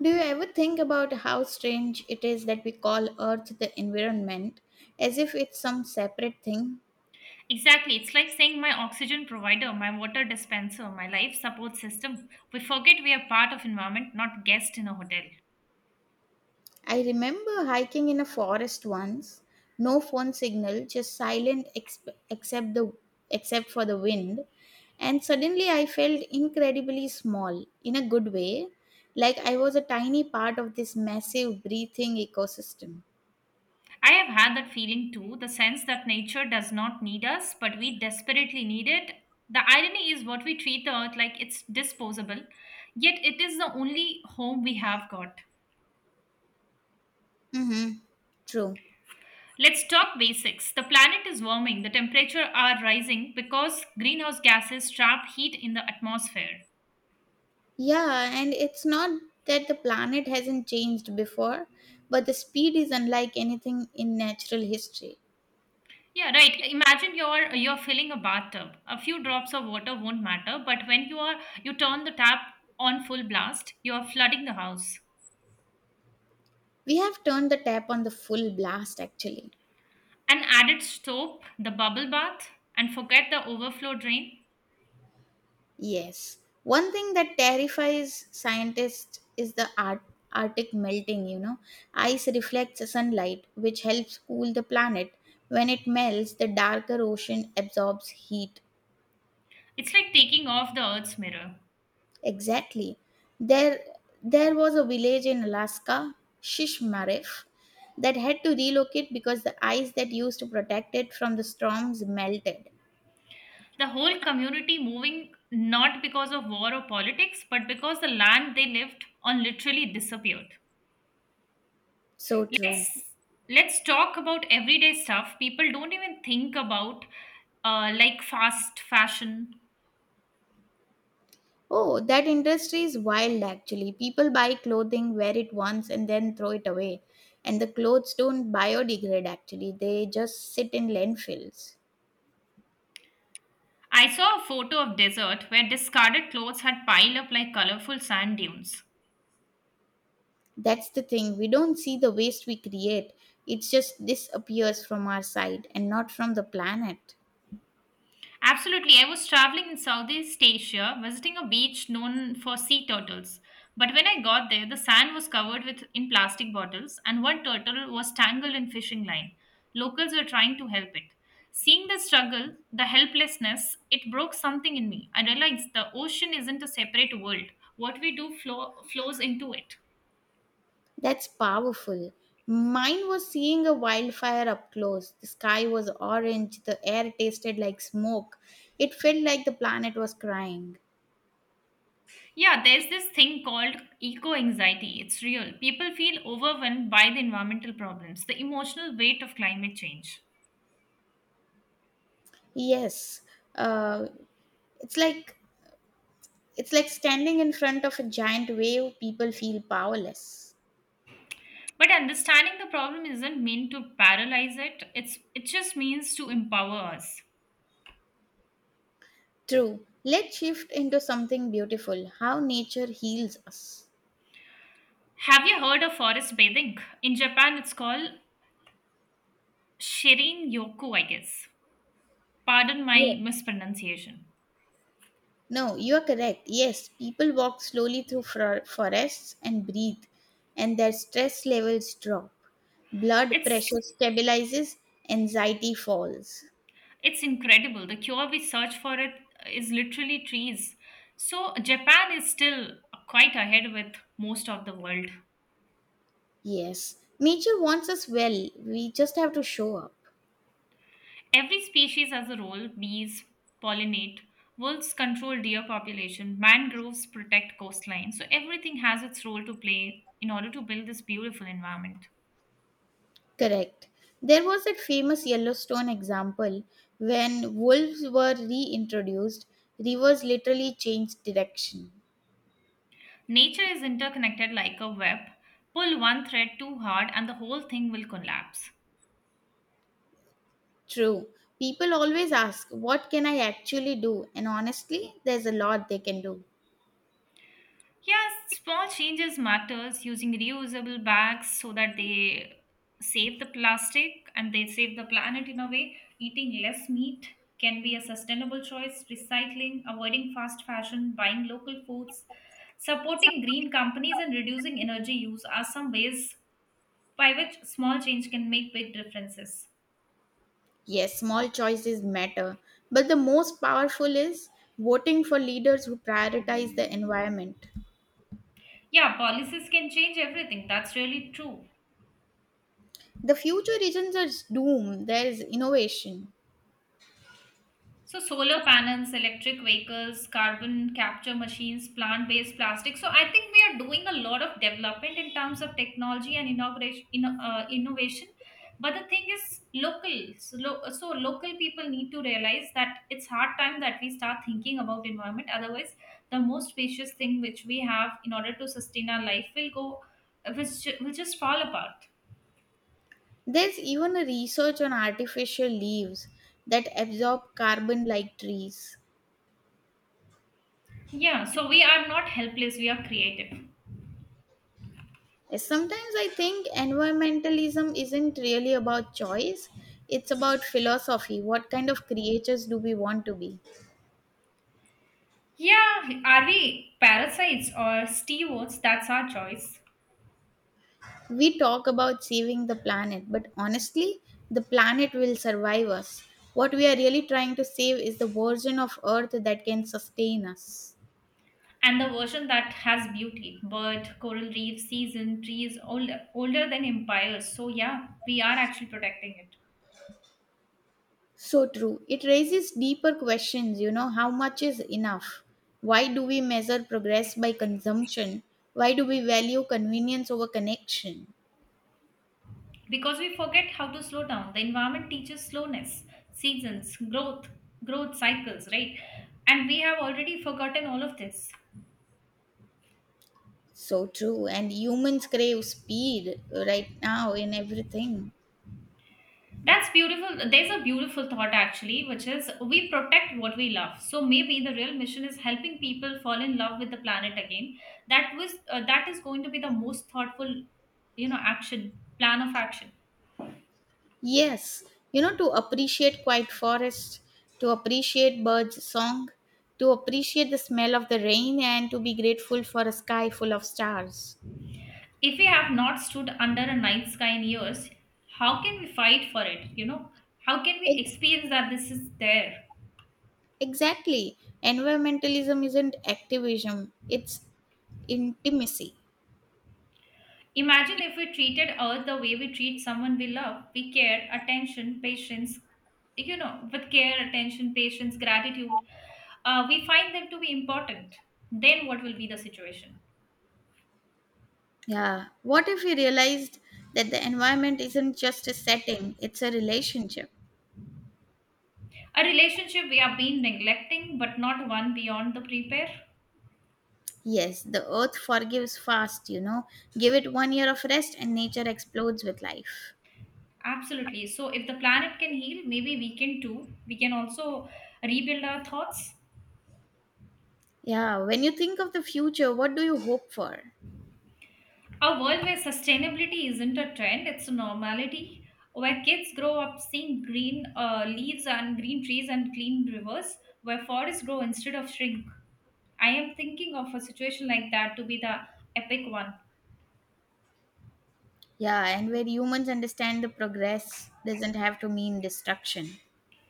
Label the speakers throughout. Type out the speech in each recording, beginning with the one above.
Speaker 1: Do you ever think about how strange it is that we call Earth the environment as if it's some separate thing?
Speaker 2: Exactly. It's like saying my oxygen provider, my water dispenser, my life support system. We forget we are part of environment, not guest in a hotel.
Speaker 1: I remember hiking in a forest once, no phone signal, just except the except for the wind, and suddenly I felt incredibly small in a good way, like I was a tiny part of this massive breathing ecosystem.
Speaker 2: I have had that feeling too, the sense that nature does not need us, but we desperately need it. The irony is what we treat the earth like it's disposable, yet it is the only home we have got.
Speaker 1: Mhm. True.
Speaker 2: Let's talk basics. The planet is warming, the temperature are rising because greenhouse gases trap heat in the atmosphere.
Speaker 1: Yeah, and it's not that the planet hasn't changed before, but the speed is unlike anything in natural history.
Speaker 2: Yeah, right. Imagine you're filling a bathtub. A few drops of water won't matter, but when you are you turn the tap on full blast, you're flooding the house.
Speaker 1: We have turned the tap on the full blast, actually.
Speaker 2: An added soap, the bubble bath, and forget the overflow drain.
Speaker 1: Yes. One thing that terrifies scientists is the Arctic melting, you know. Ice reflects sunlight, which helps cool the planet. When it melts, the darker ocean absorbs heat.
Speaker 2: It's like taking off the earth's mirror.
Speaker 1: Exactly. There there was a village in Alaska, Shishmaref, that had to relocate because the ice that used to protect it from the storms melted.
Speaker 2: The whole community moving not because of war or politics, but because the land they lived on literally disappeared.
Speaker 1: So true.
Speaker 2: Let's let's talk about everyday stuff people don't even think about like fast fashion.
Speaker 1: Oh, that industry is wild actually. People buy clothing, wear it once and then throw it away. And the clothes don't biodegrade actually. They just sit in landfills.
Speaker 2: I saw a photo of desert where discarded clothes had piled up like colorful sand dunes.
Speaker 1: That's the thing. We don't see the waste we create. It just disappears from our side and not from the planet.
Speaker 2: Absolutely, I was traveling in Southeast Asia, visiting a beach known for sea turtles. But when I got there, the sand was covered with in plastic bottles, and one turtle was tangled in fishing line. Locals were trying to help it. Seeing the struggle, the helplessness, it broke something in me. I realized the ocean isn't a separate world. What we flows into it.
Speaker 1: That's powerful. Mine was seeing a wildfire up close. The sky was orange, the air tasted like smoke. It felt like the planet was crying.
Speaker 2: Yeah, there's this thing called eco anxiety. It's real. People feel overwhelmed by the environmental problems, the emotional weight of climate change.
Speaker 1: Yes, uh, it's like it's like standing in front of a giant wave. People feel powerless.
Speaker 2: But understanding the problem isn't meant to paralyze it. It just means to empower us.
Speaker 1: True. Let's shift into something beautiful. How nature heals us.
Speaker 2: Have you heard of forest bathing? In Japan, it's called shirin yoku, I guess. Pardon
Speaker 1: Yeah.
Speaker 2: my mispronunciation.
Speaker 1: No, you are correct. Yes, people walk slowly through forests and breathe, and their stress levels drop. Blood
Speaker 2: It's
Speaker 1: pressure stabilizes, anxiety falls.
Speaker 2: It's incredible. The cure we search for it is literally trees. So Japan is still quite ahead with most of the world.
Speaker 1: Yes, nature wants us well. We just have to show up.
Speaker 2: Every species has a role. Bees pollinate, wolves control deer population, mangroves protect coastline. So everything has its role to play in order to build this beautiful environment.
Speaker 1: Correct. There was that famous Yellowstone example when wolves were reintroduced, rivers literally changed direction.
Speaker 2: Nature is interconnected like a web. Pull one thread too hard and the whole thing will collapse.
Speaker 1: True. People always ask, what can I actually do? And honestly, there's a lot they can do.
Speaker 2: Yes, small changes matters using reusable bags so that they save the plastic and they save the planet in a way. Eating less meat can be a sustainable choice, recycling, avoiding fast fashion, buying local foods, supporting green companies and reducing energy use are some ways by which small change can make big differences.
Speaker 1: Yes, small choices matter, but the most powerful is voting for leaders who prioritize the environment.
Speaker 2: Yeah, policies can change everything. That's really true.
Speaker 1: The future isn't just doom, there's innovation.
Speaker 2: So solar panels, electric vehicles, carbon capture machines, plant-based plastic. So I think we are doing a lot of development in terms of technology and inauguration, in innovation. But the thing is, local. So, so local people need to realize that it's hard time that we start thinking about environment. Otherwise, the most precious thing which we have in order to sustain our life will go, will just fall apart.
Speaker 1: There's even a research on artificial leaves that absorb carbon like trees.
Speaker 2: Yeah. So we are not helpless. We are creative.
Speaker 1: Yes, sometimes I think environmentalism isn't really about choice, it's about philosophy. What kind of creatures do we want to be?
Speaker 2: Yeah, are we parasites or stewards? That's our choice.
Speaker 1: We talk about saving the planet, but honestly, the planet will survive us. What we are really trying to save is the version of Earth that can sustain us.
Speaker 2: And the version that has beauty, bird, coral reef, season, trees, older than empires. So, yeah, we are actually protecting it.
Speaker 1: So true. It raises deeper questions, you know, how much is enough? Why do we measure progress by consumption? Why do we value convenience over connection?
Speaker 2: Because we forget how to slow down. The environment teaches slowness, seasons, growth cycles, right? And we have already forgotten all of this.
Speaker 1: So true. And humans crave speed right now in everything.
Speaker 2: That's beautiful. There's a beautiful thought actually, which is we protect what we love. So maybe the real mission is helping people fall in love with the planet again. That is going to be the most thoughtful, action plan of action.
Speaker 1: Yes, you know, to appreciate quiet forest, to appreciate birds' song, to appreciate the smell of the rain, and to be grateful for a sky full of stars.
Speaker 2: If we have not stood under a night sky in years, how can we fight for it? You know, how can we
Speaker 1: Ex-
Speaker 2: experience that this is there?
Speaker 1: Exactly. Environmentalism isn't activism, it's intimacy.
Speaker 2: Imagine if we treated Earth the way we treat someone we love. We care, attention, patience, you know, with care, attention, patience, gratitude, we find them to be important. Then what will be the situation?
Speaker 1: Yeah. What if we realized that the environment isn't just a setting, it's a relationship?
Speaker 2: A relationship we have been neglecting, but not one beyond the prepare.
Speaker 1: Yes, the earth forgives fast, you know. Give it one year of rest, and nature explodes with life.
Speaker 2: Absolutely. So if the planet can heal, maybe we can too. We can also rebuild our thoughts.
Speaker 1: Yeah, when you think of the future, what do you hope for?
Speaker 2: A world where sustainability isn't a trend, it's a normality, where kids grow up seeing green leaves and green trees and clean rivers, where forests grow instead of shrink. I am thinking of a situation like that to be the epic one.
Speaker 1: Yeah, and where humans understand the progress doesn't have to mean destruction.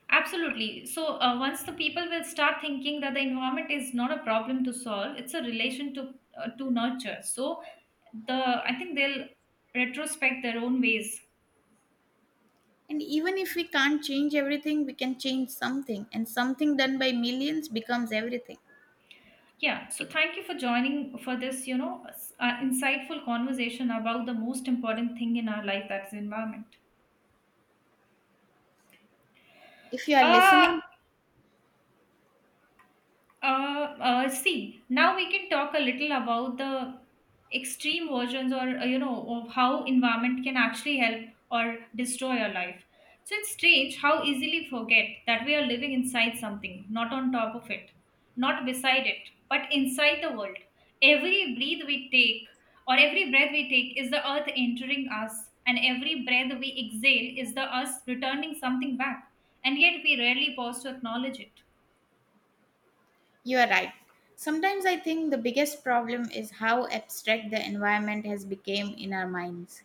Speaker 2: Absolutely. So, once the people will start thinking that the environment is not a problem to solve, it's a relation to nurture. So, the I think they'll retrospect their own ways.
Speaker 1: And even if we can't change everything, we can change something, and something done by millions becomes everything.
Speaker 2: Yeah, so thank you for joining for this, insightful conversation about the most important thing in our life, that's environment.
Speaker 1: If you are
Speaker 2: Uh
Speaker 1: listening,
Speaker 2: Uh, See, now we can talk a little about the extreme versions or, you know, of how environment can actually help or destroy your life. So it's strange how easily forget that we are living inside something, not on top of it, not beside it, but inside the world. Every breath we take every breath we take is the earth entering us, and every breath we exhale is the us returning something back. And yet we rarely pause to acknowledge it.
Speaker 1: you are right. Sometimes I think the biggest problem is how abstract the environment has become in our minds.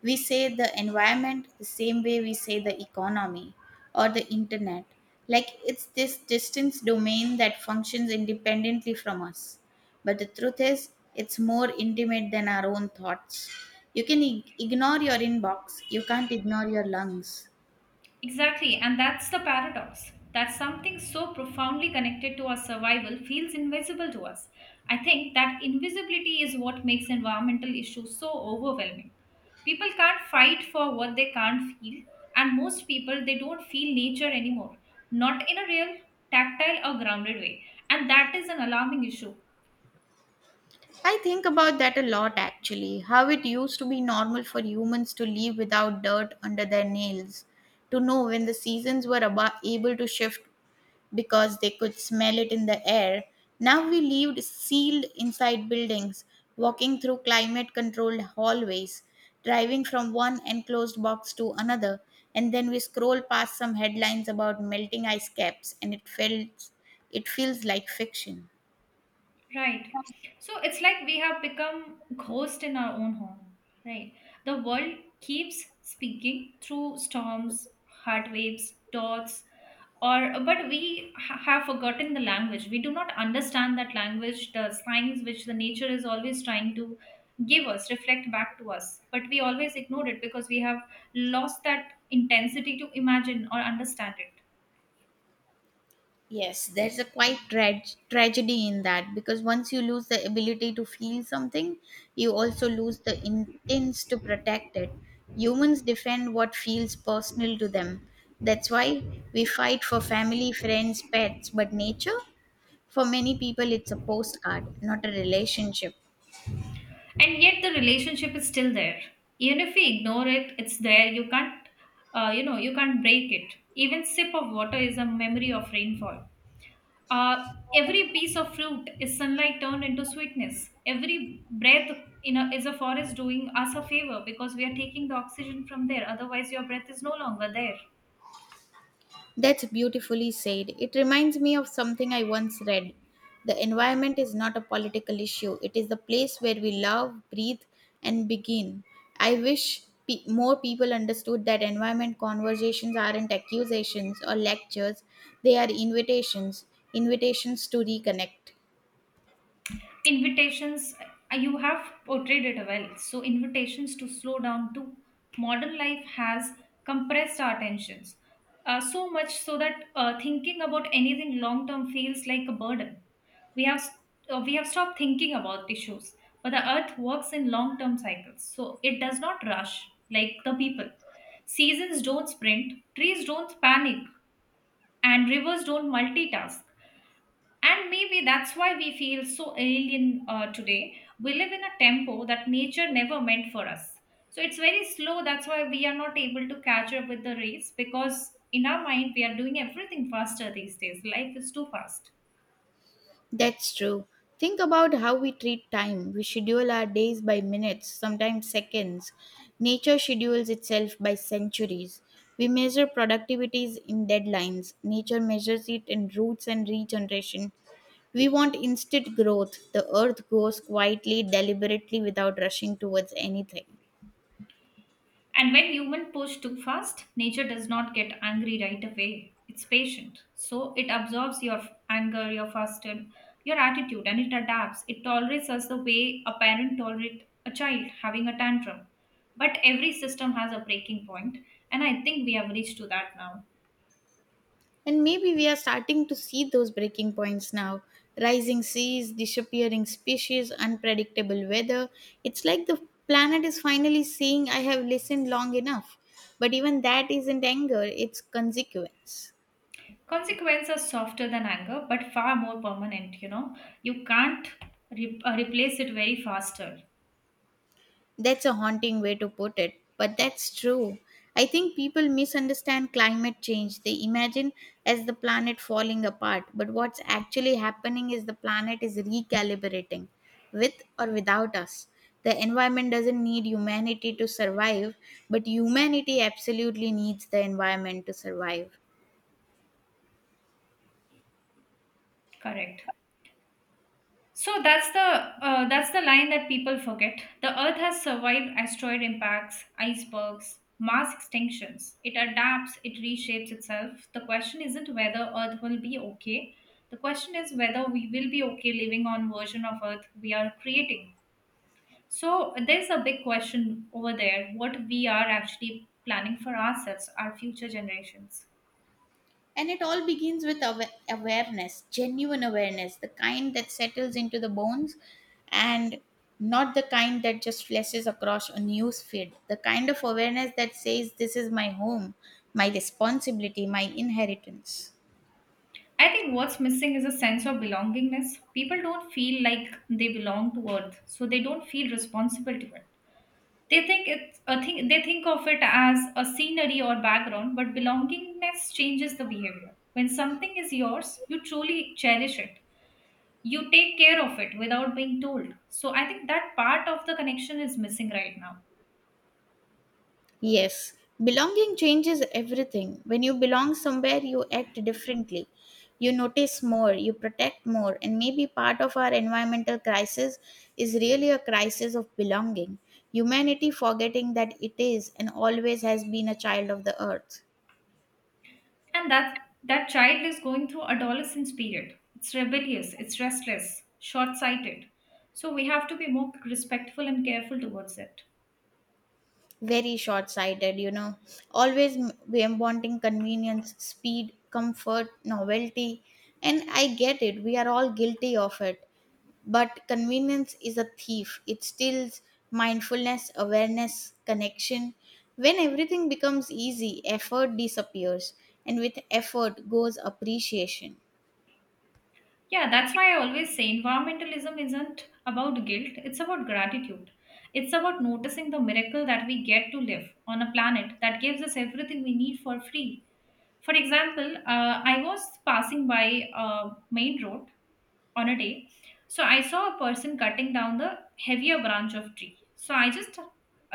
Speaker 1: We say the environment the same way we say the economy or the internet, like it's this distant domain that functions independently from us. But the truth is, it's more intimate than our own thoughts. You can ignore your inbox, you can't ignore your lungs.
Speaker 2: Exactly, and that's the paradox that something so profoundly connected to our survival feels invisible to us. I think that invisibility is what makes environmental issues so overwhelming. People can't fight for what they can't feel, and most people they don't feel nature anymore, not in a real, tactile, or grounded way. And that is an alarming issue.
Speaker 1: I think about that a lot actually. How it used to be normal for humans to live without dirt under their nails, to know when the seasons were able to shift because they could smell it in the air. Now we lived sealed inside buildings, walking through climate controlled hallways, driving from one enclosed box to another, and then we scroll past some headlines about melting ice caps and it feels like fiction.
Speaker 2: Right. So it's like we have become ghosts in our own home, right? The world keeps speaking through storms, heart waves, dots, or but have forgotten the language. We do not understand that language, the signs which the nature is always trying to give us, reflect back to us. But we always ignore it because we have lost that intensity to imagine or understand it.
Speaker 1: Yes, there's a quite tragedy in that because once you lose the ability to feel something, you also lose the intents to protect it. Humans defend what feels personal to them. That's why we fight for family, friends, pets, but nature, for many people, it's a postcard, not a relationship.
Speaker 2: And yet the relationship is still there even if we ignore it, it's there. You can't you know, you can't break it. Even sip of water is a memory of rainfall. uh, every piece of fruit is sunlight turned into sweetness. Every breath is a forest doing us a favor, because we are taking the oxygen from there, otherwise your breath is no longer there.
Speaker 1: That's beautifully said. It reminds me of something I once read. The environment is not a political issue, it is the place where we love, breathe, and begin. I wish more people understood that environment conversations aren't accusations or lectures, they are invitations, invitations to reconnect.
Speaker 2: Invitations. You have portrayed it well, so invitations to slow down. To modern life has compressed our attentions so much so that thinking about anything long term feels like a burden. we have we have stopped thinking about issues, but the earth works in long term cycles, so it does not rush like the people. Seasons don't sprint, trees don't panic, and rivers don't multitask. And maybe that's why we feel so alien today. We live in a tempo that nature never meant for us. So it's very slow. That's why we are not able to catch up with the race, because in our mind we are doing everything faster these days. Life is too fast.
Speaker 1: That's true. Think about how we treat time. We schedule our days by minutes, sometimes seconds. Nature schedules itself by centuries. We measure productivities in deadlines. Nature measures it in roots and regeneration. We want instant growth. The earth grows quietly, deliberately, without rushing towards anything.
Speaker 2: And when human push too fast, nature does not get angry right away. It's patient. So it absorbs your anger, your faster, your attitude, and it adapts. It tolerates us the way a parent tolerates a child having a tantrum. But every system has a breaking point, and I think we have reached to that now.
Speaker 1: And maybe we are starting to see those breaking points now. Rising seas, disappearing species, unpredictable weather. It's like the planet is finally saying, I have listened long enough. But even that isn't anger, it's consequence.
Speaker 2: Consequences are softer than anger, but far more permanent. You know, you can't replace it very faster.
Speaker 1: That's a haunting way to put it, but that's true. I think people misunderstand climate change. They imagine as the planet falling apart, but what's actually happening is the planet is recalibrating with or without us. The environment doesn't need humanity to survive, but humanity absolutely needs the environment to survive.
Speaker 2: Correct. So that's the line that people forget. The Earth has survived asteroid impacts, icebergs, mass extinctions. It adapts, it reshapes itself. The question isn't whether Earth will be okay. The question is whether we will be okay living on version of Earth we are creating. So there's a big question over there: what we are actually planning for ourselves, our future generations.
Speaker 1: And it all begins with awareness, genuine awareness, the kind that settles into the bones and not the kind that just flashes across a news feed. The kind of awareness that says, this is my home, my responsibility, my inheritance.
Speaker 2: I think what's missing is a sense of belongingness. People don't feel like they belong to Earth, so they don't feel responsible to it. They think it's a thing. They think of it as a scenery or background, but belongingness changes the behavior. When something is yours, you truly cherish it. You take care of it without being told. So I think that part of the connection is missing right now.
Speaker 1: Yes, belonging changes everything. When you belong somewhere, you act differently. You notice more, you protect more, and maybe part of our environmental crisis is really a crisis of belonging. Humanity forgetting that it is and always has been a child of the earth.
Speaker 2: And that child is going through adolescence period. It's rebellious, it's restless, short-sighted. So we have to be more respectful and careful towards it.
Speaker 1: Very short sighted, you know. Always we are wanting convenience, speed, comfort, novelty. And I get it, we are all guilty of it. But convenience is a thief, it steals mindfulness, awareness, connection. When everything becomes easy, effort disappears, and with effort goes appreciation.
Speaker 2: Yeah, that's why I always say environmentalism isn't about guilt, it's about gratitude. It's about noticing the miracle that we get to live on a planet that gives us everything we need for free. For example, I was passing by a main road on a day. So I saw a person cutting down the heavier branch of tree, so I just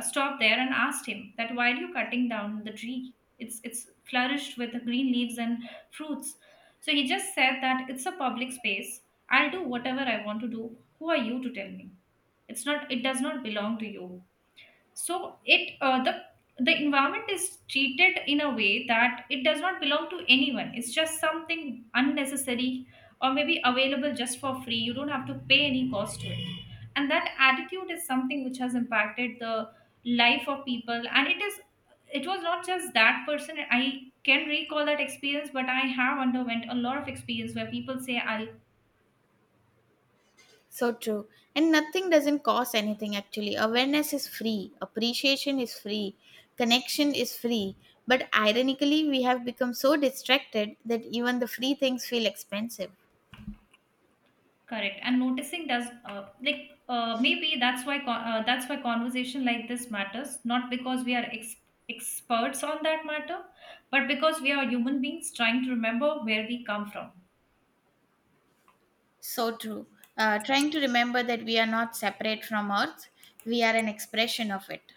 Speaker 2: stopped there and asked him that why are you cutting down the tree. It's flourished with green leaves and fruits. So he just said that it's a public space, I'll do whatever I want to do. Who are you to tell me? It's not, it does not belong to you. So it the environment is treated in a way that it does not belong to anyone, it's just something unnecessary, or maybe available just for free, you don't have to pay any cost to it. And that attitude is something which has impacted the life of people, and it is, it was not just that person I can recall that experience, but I have underwent a lot of experience where people say I'll.
Speaker 1: So true. And nothing doesn't cost anything actually. Awareness is free, appreciation is free, connection is free. But ironically, we have become so distracted that even the free things feel expensive.
Speaker 2: Correct. And noticing does maybe that's why that's why conversation like this matters, not because we are experts on that matter, but because we are human beings trying to remember where we come from.
Speaker 1: So true. Trying to remember that we are not separate from Earth, we are an expression of it.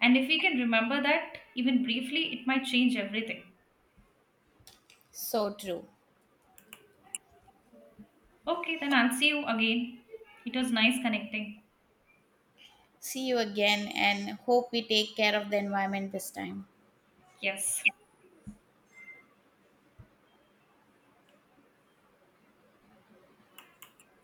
Speaker 2: And if we can remember that even briefly, it might change everything.
Speaker 1: So true.
Speaker 2: Okay, then I'll see you again. It was nice connecting.
Speaker 1: See you again and hope we take care of the environment this time.
Speaker 2: Yes.